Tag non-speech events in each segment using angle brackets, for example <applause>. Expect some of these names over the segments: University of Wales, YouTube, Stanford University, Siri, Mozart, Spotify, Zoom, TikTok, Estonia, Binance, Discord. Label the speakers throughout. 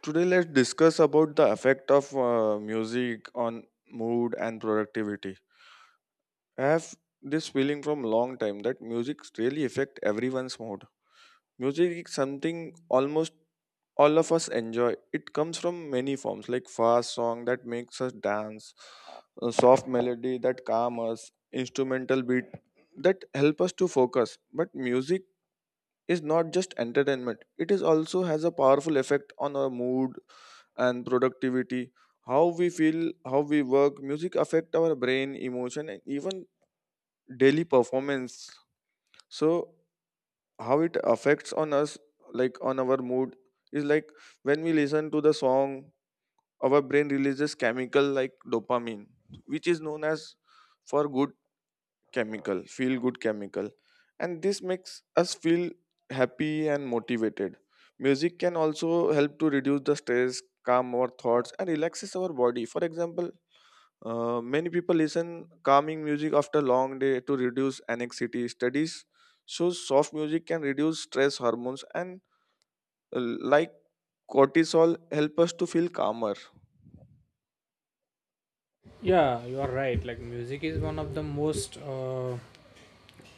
Speaker 1: Today, let's discuss about the effect of music on mood and productivity. I have this feeling from long time that music really affect everyone's mood. Music is something almost all of us enjoy. It comes from many forms, like fast song that makes us dance, a soft melody that calm us, instrumental beat that help us to focus. But music is not just entertainment; it is also has a powerful effect on our mood and productivity. How we feel, how we work, music affect our brain, emotion, and even daily performance. So how it affects on us, like on our mood, is like when we listen to the song, our brain releases chemical like dopamine, which is known as for good feel good chemical, and this makes us feel happy and motivated. Music can also help to reduce the stress, calm our thoughts, and relaxes our body. For example, many people listen calming music after long day to reduce anxiety. Studies shows soft music can reduce stress hormones and uh, like cortisol help us to feel calmer.
Speaker 2: Yeah, you are right. Like music is one of the most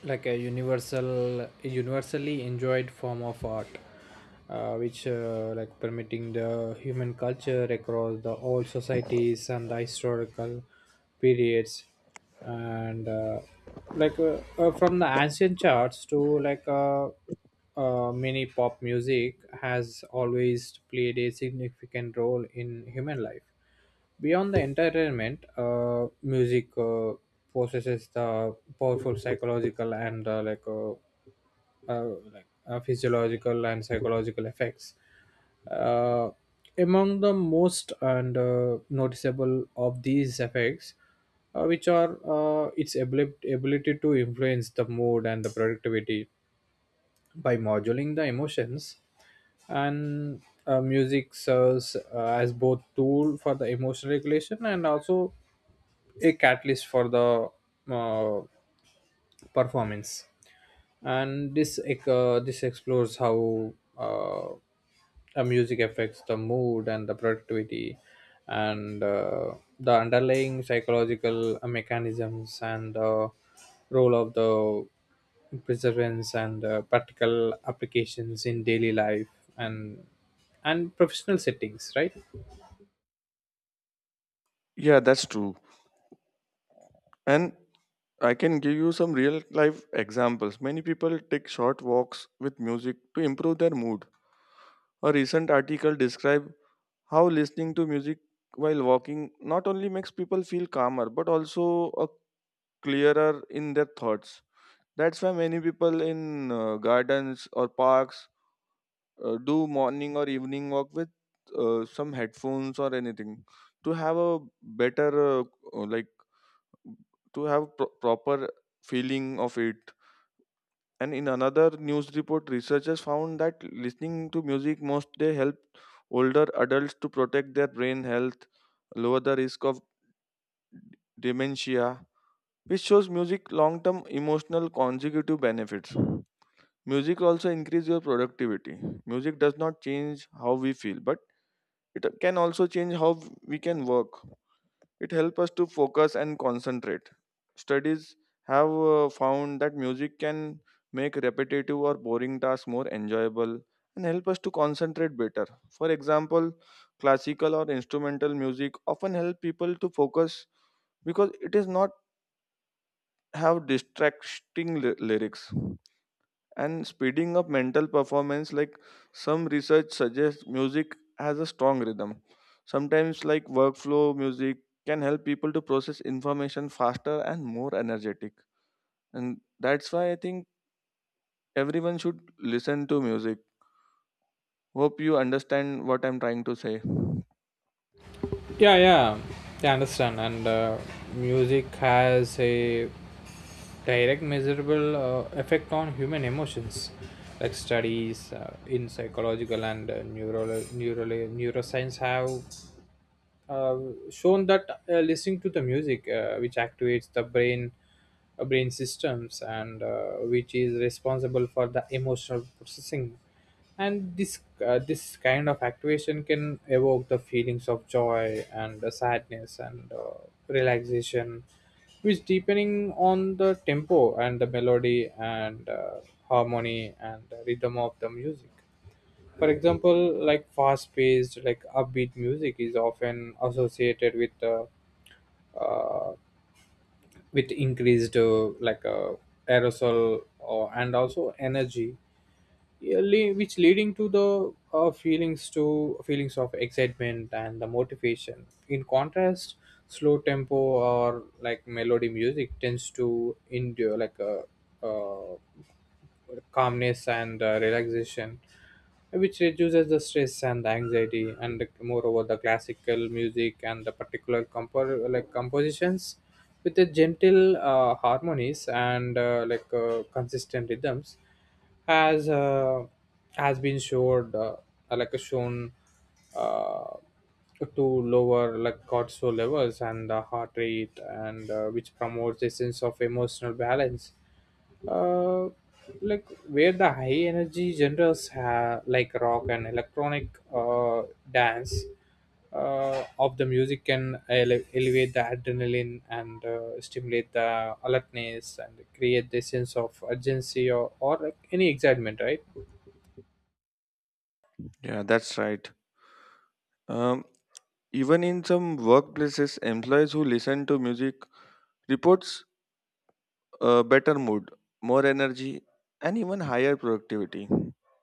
Speaker 2: like a universal universally enjoyed form of art, which like permitting the human culture across the old societies and the historical periods. And from the ancient charts to mini pop music has always played a significant role in human life. Beyond the entertainment, music possesses the powerful psychological and physiological and psychological effects. Uh, among the most and noticeable of these effects, which are its ability to influence the mood and the productivity by modulating the emotions, and music serves as both tool for the emotional regulation and also a catalyst for the uh, performance. And this explores how uh, a music affects the mood and the productivity, and the underlying psychological mechanisms and the role of the perseverance and practical applications in daily life, and and professional settings, right?
Speaker 1: Yeah, that's true. And I can give you some real life examples. Many people take short walks with music to improve their mood. A recent article described how listening to music while walking not only makes people feel calmer but also a clearer in their thoughts. That's why many people in gardens or parks do morning or evening walk with some headphones or anything to have a better, like to have proper feeling of it. And in another news report, researchers found that listening to music most day help older adults to protect their brain health, lower the risk of d- dementia, which shows music long-term emotional consecutive benefits. Music also increase your productivity. Music does not change how we feel, but it can also change how we can work. It helps us to focus and concentrate. Studies have found that music can make repetitive or boring tasks more enjoyable and help us to concentrate better. For example, classical or instrumental music often help people to focus because it is not have distracting lyrics and speeding up mental performance, like some research suggests music has a strong rhythm. Sometimes, like workflow music can help people to process information faster and more energetic. And that's why I think everyone should listen to music. Hope you understand what I'm trying to say.
Speaker 2: Yeah, yeah, yeah, I understand, and music has a direct measurable effect on human emotions. Like studies in psychological and neural neuroscience have uh, shown that listening to the music which activates the brain systems and which is responsible for the emotional processing, and this kind of activation can evoke the feelings of joy and sadness and relaxation, which depending on the tempo and the melody and harmony and the rhythm of the music. For example, like fast-paced, like upbeat music is often associated uh, with increased aerosol or, and also energy, yeah, which leading to the feelings to feelings of excitement and the motivation. In contrast, slow tempo or like melody music tends to endure like a, uh calmness and relaxation, which reduces the stress and the anxiety. And moreover the classical music and the particular compositions with the gentle harmonies and consistent rhythms has uh, has been showed like shown uh, to lower like cortisol levels and the heart rate, and which promotes a sense of emotional balance, uh, like where the high energy genres have like rock and electronic dance of the music can elevate the adrenaline and stimulate the alertness and create the sense of urgency, or like any excitement, right?
Speaker 1: Yeah, that's right. Um, Even in some workplaces, employees who listen to music reports a better mood, more energy, and even higher productivity.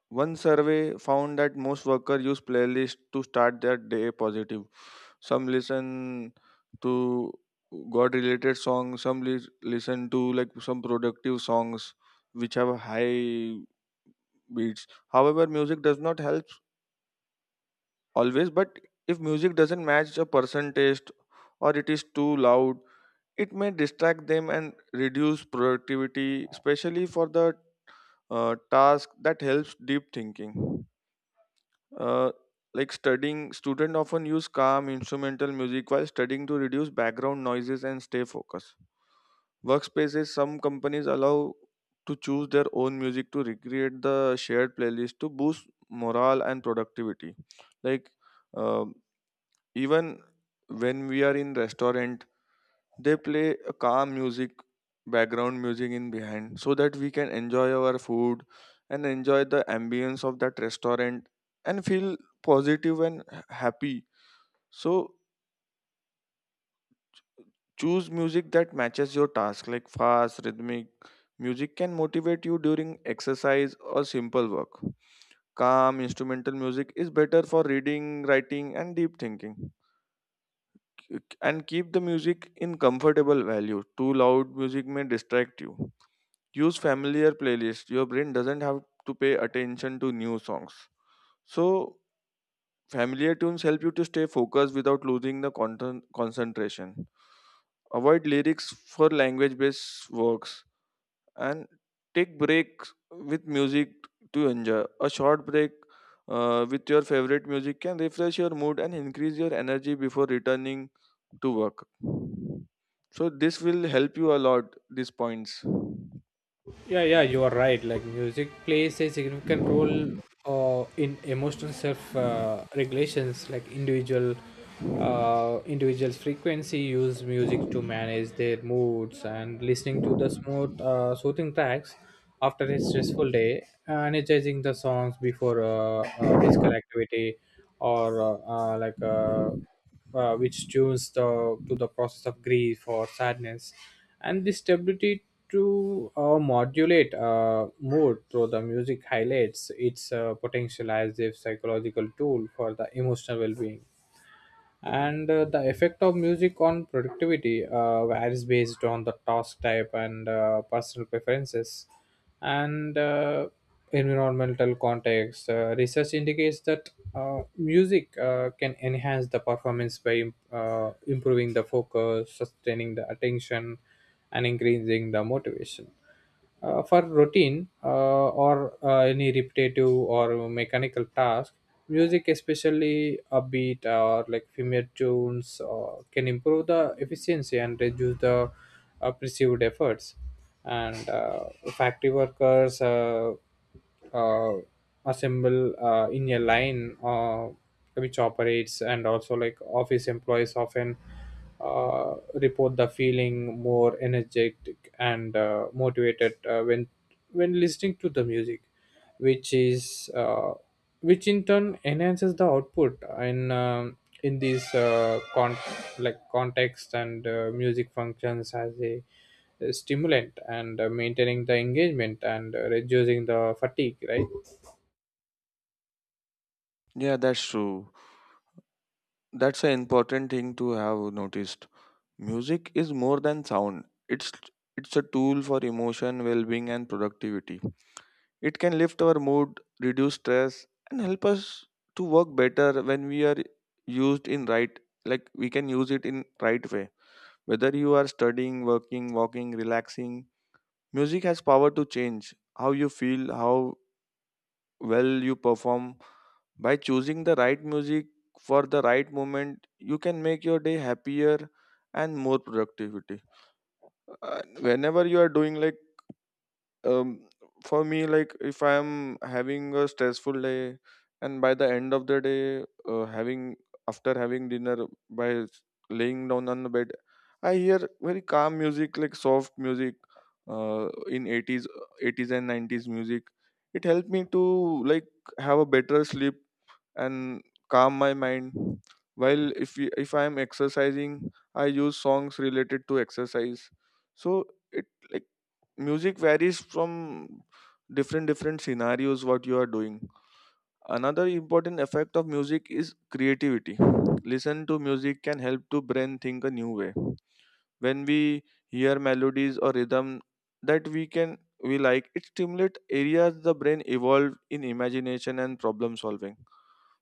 Speaker 1: One survey found that most workers use playlists to start their day positive. Some listen to God-related songs, some listen to like some productive songs which have high beats. However, music does not help always, but if music doesn't match a person taste or it is too loud, it may distract them and reduce productivity, especially for the task that helps deep thinking. Uh, like studying, students often use calm instrumental music while studying to reduce background noises and stay focused. Workspaces, some companies allow to choose their own music to recreate the shared playlist to boost morale and productivity. Like, uh, even when we are in restaurant, they play a calm music, background music in behind, so that we can enjoy our food and enjoy the ambience of that restaurant and feel positive and happy. So choose music that matches your task, like fast, rhythmic. Music can motivate you during exercise or simple work. Calm instrumental music is better for reading, writing, and deep thinking. And keep the music in comfortable value. Too loud music may distract you. Use familiar playlist. Your brain doesn't have to pay attention to new songs. So familiar tunes help you to stay focused without losing the concentration. Avoid lyrics for language-based works and take breaks with music to enjoy. A short break with your favorite music can refresh your mood and increase your energy before returning to work. So this will help you a lot. These points.
Speaker 2: Yeah, yeah, you are right. Like music plays a significant role in emotional self regulations. Like individuals' frequency use music to manage their moods, and listening to the smooth, soothing tracks after a stressful day, energizing the songs before physical activity, or uh, like. Uh, which tunes the to the process of grief or sadness. And this ability to modulate mood through the music highlights its potential as a psychological tool for the emotional well-being. And the effect of music on productivity varies based on the task type and personal preferences and environmental context. Research indicates that music can enhance the performance by improving the focus, sustaining the attention, and increasing the motivation for routine or any repetitive or mechanical task. Music, especially upbeat or like familiar tunes, can improve the efficiency and reduce the perceived efforts. And factory workers, uh, assemble in a line which operates, and also like office employees, often report the feeling more energetic and motivated when listening to the music, which is which in turn enhances the output in this context. And music functions as a stimulant, and maintaining the engagement and reducing the fatigue, right?
Speaker 1: Yeah, that's true. That's an important thing to have noticed. Music is more than sound. It's a tool for emotion, well-being and productivity. It can lift our mood, reduce stress and help us to work better when we are used in right, like we can use it in right way. Whether you are studying, working, walking, relaxing, music has power to change how you feel, how well you perform. By choosing the right music for the right moment, you can make your day happier and more productivity. Uh, Whenever you are doing, like um for me, like if I am having a stressful day and by the end of the day, having after having dinner, by s- laying down on the bed, I hear very calm music like soft music in 80s and 90s music. It helped me to like have a better sleep and calm my mind. While if I am exercising, I use songs related to exercise. So it, like, music varies from different different scenarios what you are doing. Another important effect of music is creativity. Listen to music can help to brain think a new way. When we hear melodies or rhythm that we can we like, it stimulates areas the brain evolved in imagination and problem solving.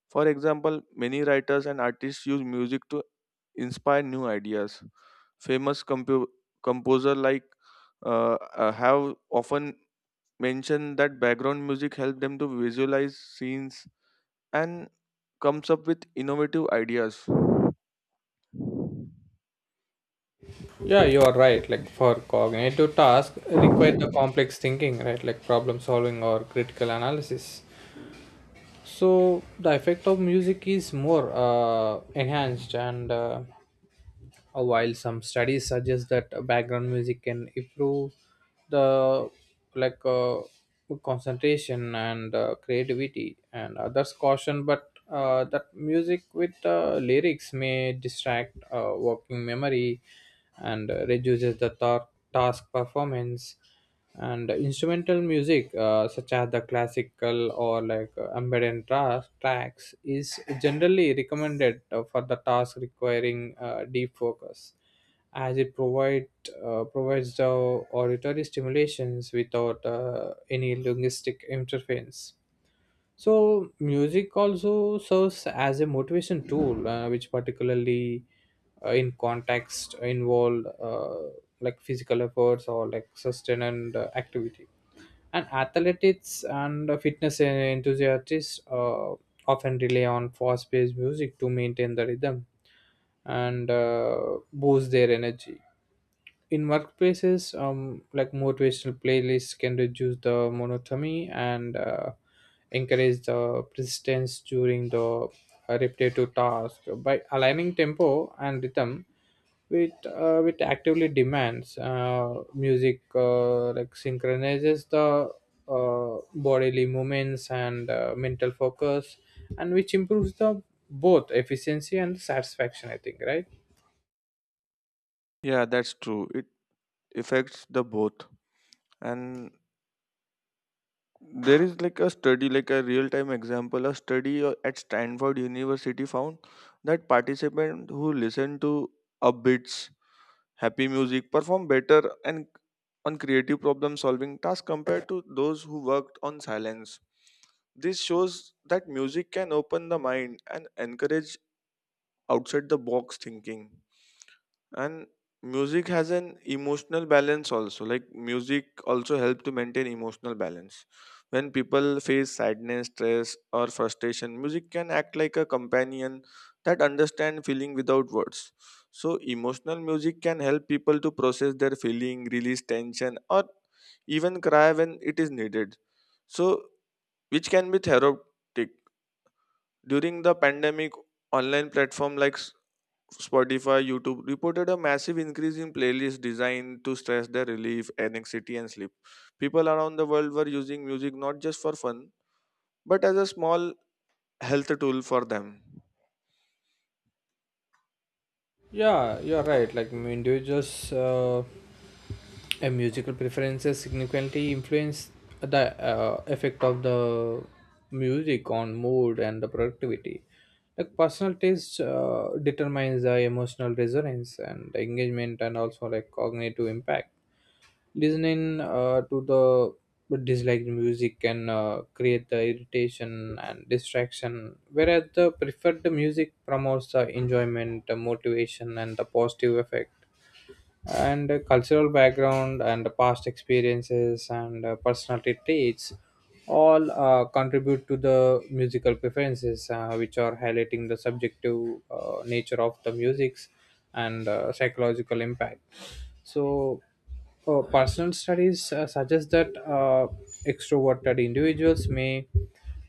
Speaker 1: For example, many writers and artists use music to inspire new ideas. Famous composer like, uh, have often mentioned that background music helped them to visualize scenes and comes up with innovative ideas.
Speaker 2: Yeah, you are right. Like for cognitive tasks require the complex thinking, right? Like problem solving or critical analysis. So the effect of music is more enhanced, and while some studies suggest that background music can improve the like uh, concentration and creativity, and others caution, but that music with lyrics may distract working memory and reduces the task performance. And instrumental music, such as the classical or like ambient tracks, is generally recommended for the task requiring deep focus, as it provides the auditory stimulations without any linguistic interference. So music also serves as a motivation tool, which particularly in context involve like physical efforts or like sustained activity. And athletics and fitness enthusiasts often rely on fast-paced music to maintain the rhythm and boost their energy. In workplaces, like motivational playlists can reduce the monotony and encourage the persistence during the repetitive task by aligning tempo and rhythm with actively demands, music like synchronizes the bodily movements and mental focus, and which improves the both efficiency and satisfaction, I think, right?
Speaker 1: Yeah, that's true. It affects the both. And there is like a study, like a real time example. A study at Stanford University found that participants who listen to upbeats, happy music perform better and on creative problem solving tasks compared to those who worked on silence. This shows that music can open the mind and encourage outside the box thinking. And music has an emotional balance also, like music also help to maintain emotional balance. When people face sadness, stress or frustration, music can act like a companion that understand feeling without words. So emotional music can help people to process their feeling, release tension or even cry when it is needed. So which can be therapeutic during the pandemic. Online platform like Spotify, YouTube reported a massive increase in playlists designed to stress their relief, anxiety, and sleep. People around the world were using music not just for fun, but as a small health tool for them.
Speaker 2: Yeah, you're right. Like, mm, individuals' and musical preferences significantly influence the effect of the music on mood and the productivity. Like personal taste determines the emotional resonance and the engagement, and also like cognitive impact. Listening to the disliked music can create the irritation and distraction, whereas the preferred music promotes the enjoyment, the motivation, and the positive effect. And cultural background and the past experiences and personality traits all contribute to the musical preferences, which are highlighting the subjective nature of the musics and psychological impact. So, oh, personal studies suggest that extroverted individuals may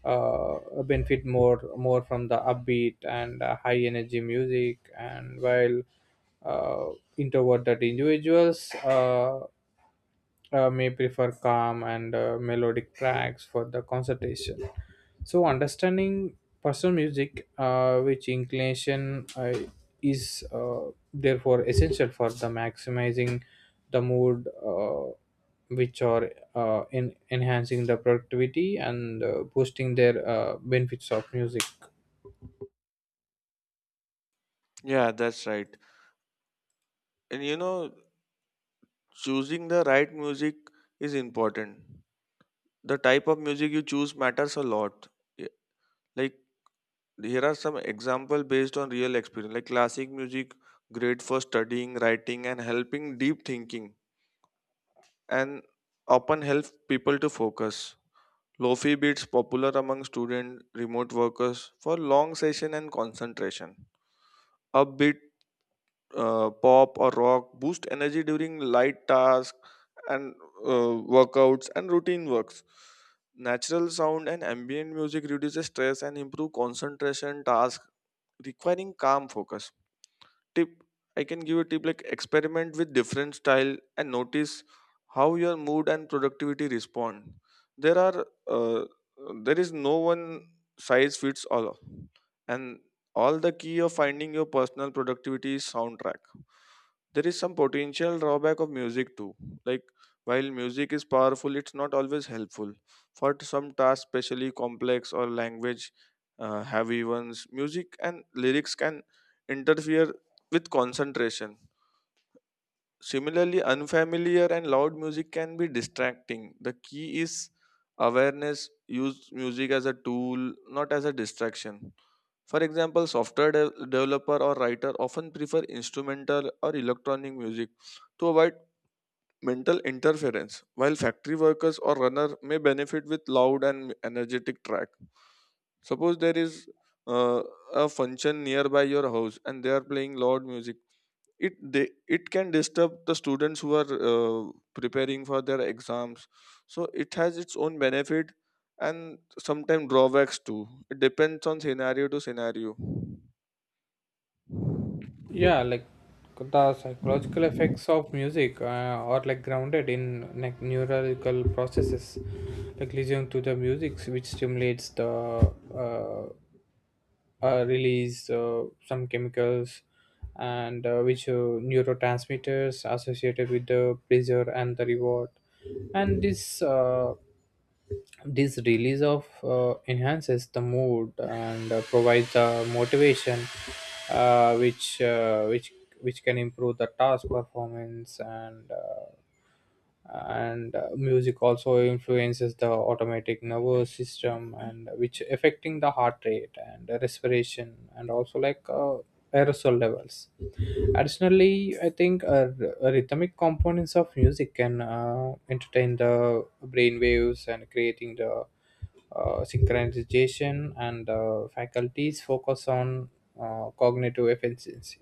Speaker 2: benefit more from the upbeat and high energy music, and while uh, introverted individuals may prefer calm and melodic tracks for the concentration. So, understanding personal music, which inclination is therefore essential for the maximizing the mood, which are in enhancing the productivity and boosting their benefits of music.
Speaker 1: Yeah, that's right. And choosing the right music is important. The type of music you choose matters a lot. Yeah, like, here are some example based on real experience, like classic music, great for studying, writing, and helping deep thinking and often help people to focus. Lofi beats popular among student remote workers for long session and concentration. Upbeat pop or rock boost energy during light tasks and workouts and routine works. Natural sound and ambient music reduces stress and improve concentration tasks requiring calm focus. Tip, I can give a tip like experiment with different style and notice how your mood and productivity respond. There are uh, there is no one size fits all, and all the key of finding your personal productivity is soundtrack. There is some potential drawback of music too. Like, while music is powerful, it's not always helpful for some tasks, especially complex or language heavy ones. Music and lyrics can interfere with concentration. Similarly, unfamiliar and loud music can be distracting. The key is awareness, use music as a tool, not as a distraction. For example, software developer or writer often prefer instrumental or electronic music to avoid mental interference, while factory workers or runner may benefit with loud and energetic track. Suppose there is uh, a function nearby your house and they are playing loud music. It can disturb the students who are preparing for their exams. So it has its own benefit and sometimes drawbacks too. It depends on scenario to scenario.
Speaker 2: Yeah, like the psychological effects of music are like grounded in like neurological processes, like listening to the music which stimulates the release some chemicals and which neurotransmitters associated with the pleasure and the reward. And this release of enhances the mood and provides the motivation, uh, which uh, which which can improve the task performance, and music also influences the automatic nervous system and which affecting the heart rate and respiration, and also like aerosol levels. Additionally, I think rhythmic components of music can entertain the brain waves and creating the synchronization and faculties focus on cognitive efficiency.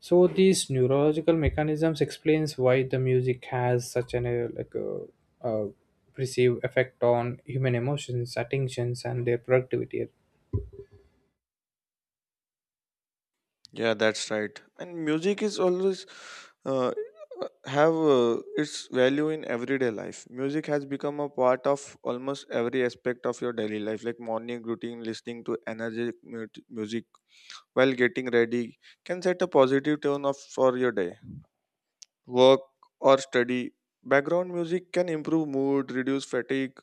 Speaker 2: So these neurological mechanisms explains why the music has such an uh perceived effect on human emotions, attentions, and their productivity.
Speaker 1: Yeah, that's right. And music is always, uh, have its value in everyday life. Music has become a part of almost every aspect of your daily life, like morning routine, listening to energetic music while getting ready, can set a positive tone of for your day, work, or study. Background music can improve mood, reduce fatigue,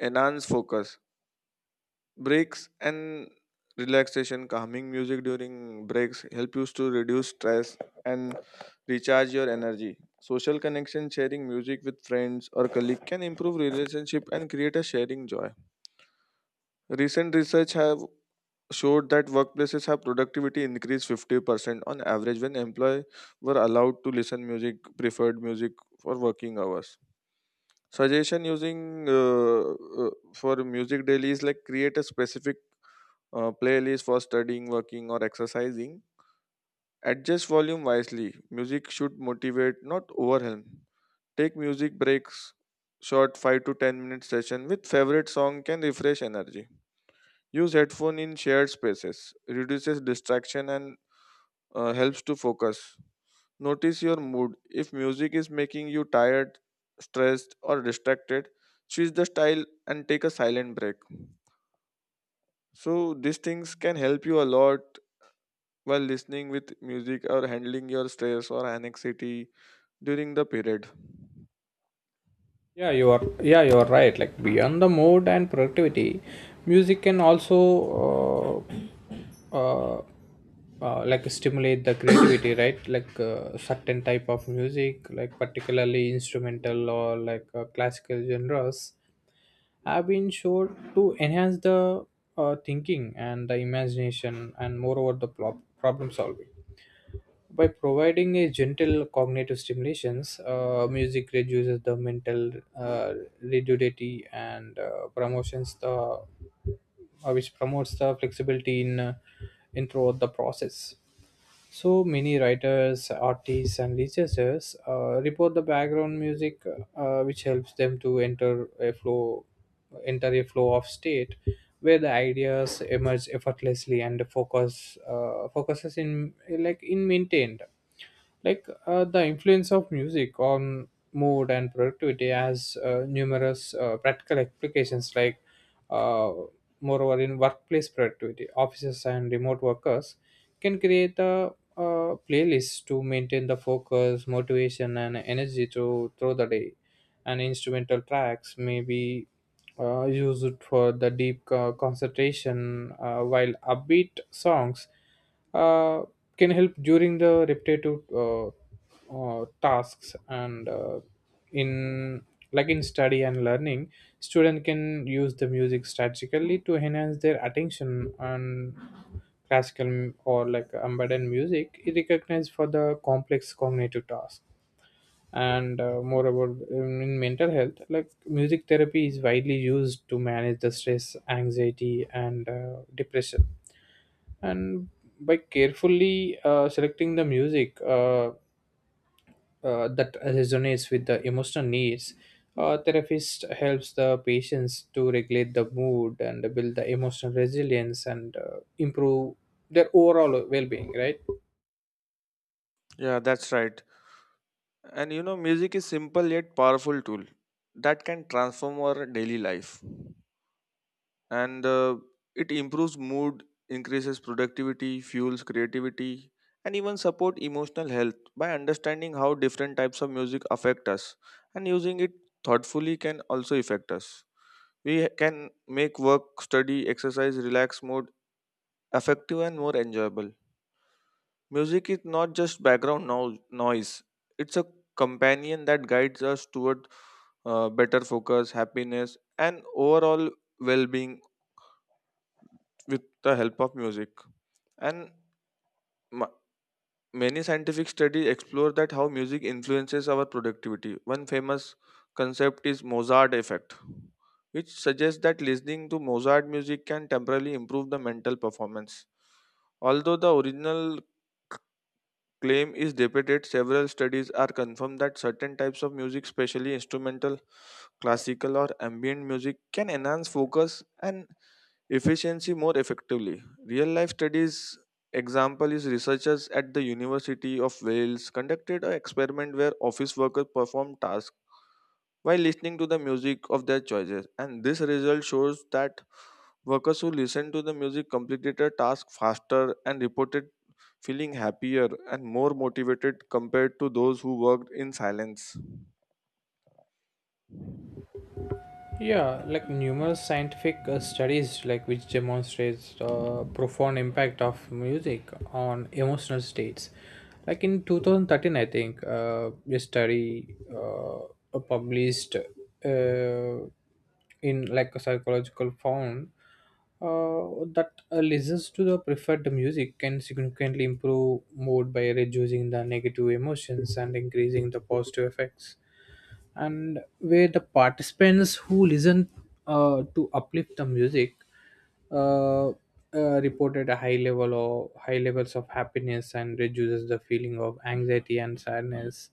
Speaker 1: enhance focus. Breaks and relaxation, calming music during breaks help you to reduce stress and recharge your energy. Social connection, sharing music with friends or colleagues can improve relationship and create a sharing joy. Recent research have showed that workplaces have productivity increased 50% on average when employees were allowed to listen music preferred music for working hours. Suggestion, using for music daily is like create a specific playlist for studying, working, or exercising. Adjust volume wisely, music should motivate not overwhelm. Take music breaks, short 5 to 10 minute session with favorite song can refresh energy. Use headphone in shared spaces, reduces distraction and helps to focus. Notice your mood. If music is making you tired, stressed, or distracted, switch the style and take a silent break. So, these things can help you a lot while listening with music or handling your stress or anxiety during the period.
Speaker 2: Yeah, you are. Yeah, you are right. Like beyond the mood and productivity, music can also uh, uh, like stimulate the creativity, <coughs> right? Like certain type of music, like particularly instrumental or like classical genres, have been shown to enhance the thinking and the imagination, and moreover the problem solving by providing a gentle cognitive stimulations. Music reduces the mental uh, rigidity and promotions the which promotes the flexibility in throughout the process. So many writers, artists, and researchers report the background music, which helps them to enter a flow of state, where the ideas emerge effortlessly and the focuses in maintained. Like the influence of music on mood and productivity has numerous practical applications, like uh, moreover in workplace productivity, offices and remote workers can create a playlist to maintain the focus, motivation, and energy through the day. And instrumental tracks may be used for the deep concentration, while upbeat songs uh, can help during the repetitive tasks and in like in study and learning, student can use the music strategically to enhance their attention, and classical or like embedded music is recognized for the complex cognitive task. And moreover in mental health, like music therapy is widely used to manage the stress, anxiety, and depression, and by carefully selecting the music that resonates with the emotional needs, therapist helps the patients to regulate the mood and build the emotional resilience and improve their overall well-being, right?
Speaker 1: Yeah, that's right. And you know, music is simple yet powerful tool that can transform our daily life. And it improves mood, increases productivity, fuels creativity, and even support emotional health. By understanding how different types of music affect us and using it thoughtfully can also affect us, can make work, study, exercise, relax mode effective and more enjoyable. Music is not just background noise, it's a companion that guides us toward better focus, happiness, and overall well-being with the help of music. And ma- many scientific studies explore that how music influences our productivity. One famous concept is Mozart effect, which suggests that listening to Mozart music can temporarily improve the mental performance. Although the original claim is debated. Several studies are confirmed that certain types of music, especially instrumental, classical, or ambient music, can enhance focus and efficiency more effectively. Real life studies example is researchers at the University of Wales conducted an experiment where office workers performed tasks while listening to the music of their choices, and this result shows that workers who listened to the music completed a task faster and reported feeling happier and more motivated compared to those who worked in silence.
Speaker 2: Yeah, like numerous scientific studies, like which demonstrates the profound impact of music on emotional states. Like in 2013, I think a study published in like a psychological, found that listens to the preferred music can significantly improve mood by reducing the negative emotions and increasing the positive effects, and where the participants who listen to uplift the music, uh, uh, reported a high level or high levels of happiness and reduces the feeling of anxiety and sadness.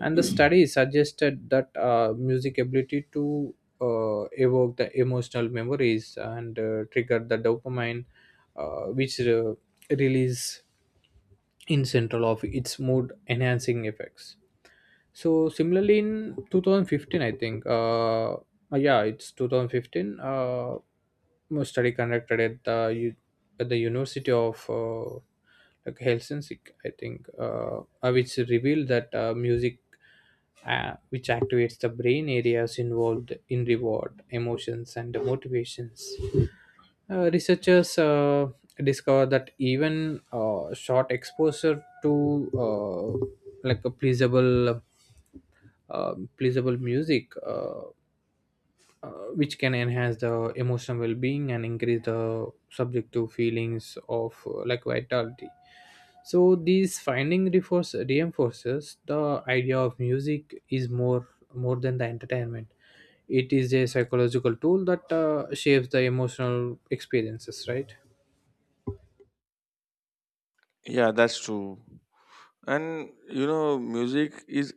Speaker 2: And the study suggested that music ability to evoke the emotional memories and trigger the dopamine which release in central of its mood enhancing effects. So similarly in 2015, I think, yeah, it's 2015. A study conducted at the at the University of like Helsinki, I think, which revealed that music, which activates the brain areas involved in reward, emotions, and motivations. Researchers discovered that even short exposure to like a pleasurable music, uh, which can enhance the emotional well-being and increase the subjective feelings of like vitality. So these finding reinforces the idea of music is more than the entertainment. It is a psychological tool that shapes the emotional experiences, right?
Speaker 1: Yeah, that's true. And you know, music is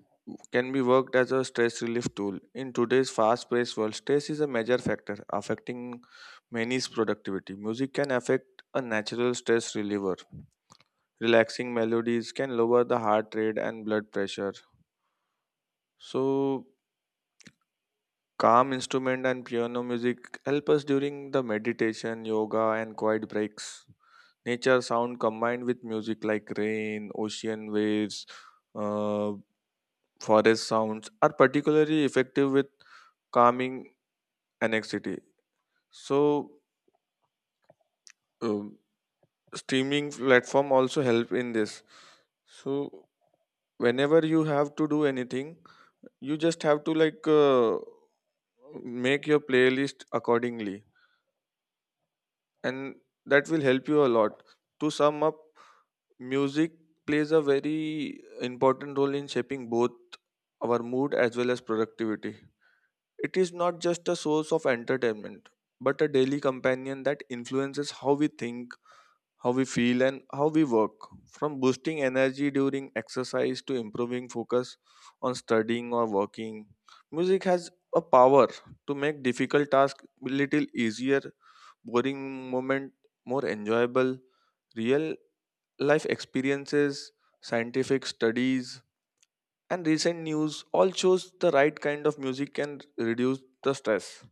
Speaker 1: can be worked as a stress relief tool. In today's fast-paced world, stress is a major factor affecting many's productivity. Music can affect a natural stress reliever. Relaxing melodies can lower the heart rate and blood pressure. So calm instrument and piano music help us during the meditation, yoga, and quiet breaks. Nature sound combined with music like rain, ocean waves, uh, forest sounds are particularly effective with calming anxiety. So, um, streaming platform also help in this. So, whenever you have to do anything, you just have to like make your playlist accordingly, and that will help you a lot. To sum up, music plays a very important role in shaping both our mood as well as productivity. It is not just a source of entertainment, but a daily companion that influences how we think, how we feel, and how we work. From boosting energy during exercise to improving focus on studying or working, music has a power to make difficult tasks a little easier, boring moment more enjoyable. Real life experiences, scientific studies, and recent news all shows the right kind of music can reduce the stress,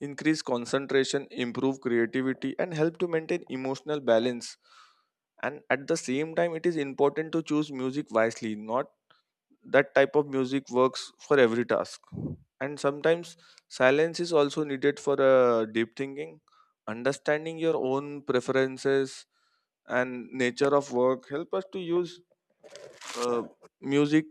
Speaker 1: increase concentration, improve creativity, and help to maintain emotional balance. And at the same time, it is important to choose music wisely, not that type of music works for every task, and sometimes silence is also needed for deep thinking. Understanding your own preferences and nature of work help us to use uh, music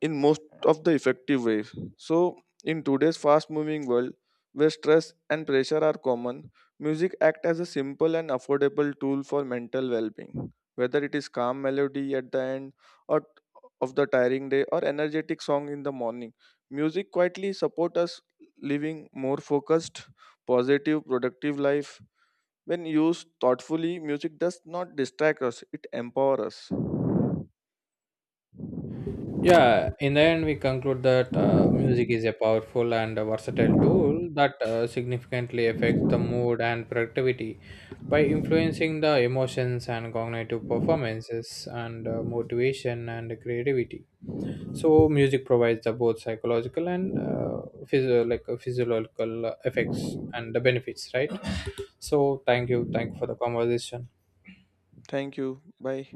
Speaker 1: in most of the effective ways. So, in today's fast moving world where stress and pressure are common, music act as a simple and affordable tool for mental well-being. Whether it is calm melody at the end or of the tiring day or energetic song in the morning, music quietly support us living more focused, positive, productive life. When used thoughtfully, music does not distract us, it empowers us.
Speaker 2: Yeah, in the end, we conclude that music is a powerful and versatile tool that significantly affects the mood and productivity by influencing the emotions and cognitive performances and motivation and creativity. So, music provides the both psychological and physiological effects and the benefits, right? So, thank you for the conversation.
Speaker 1: Thank you. Bye.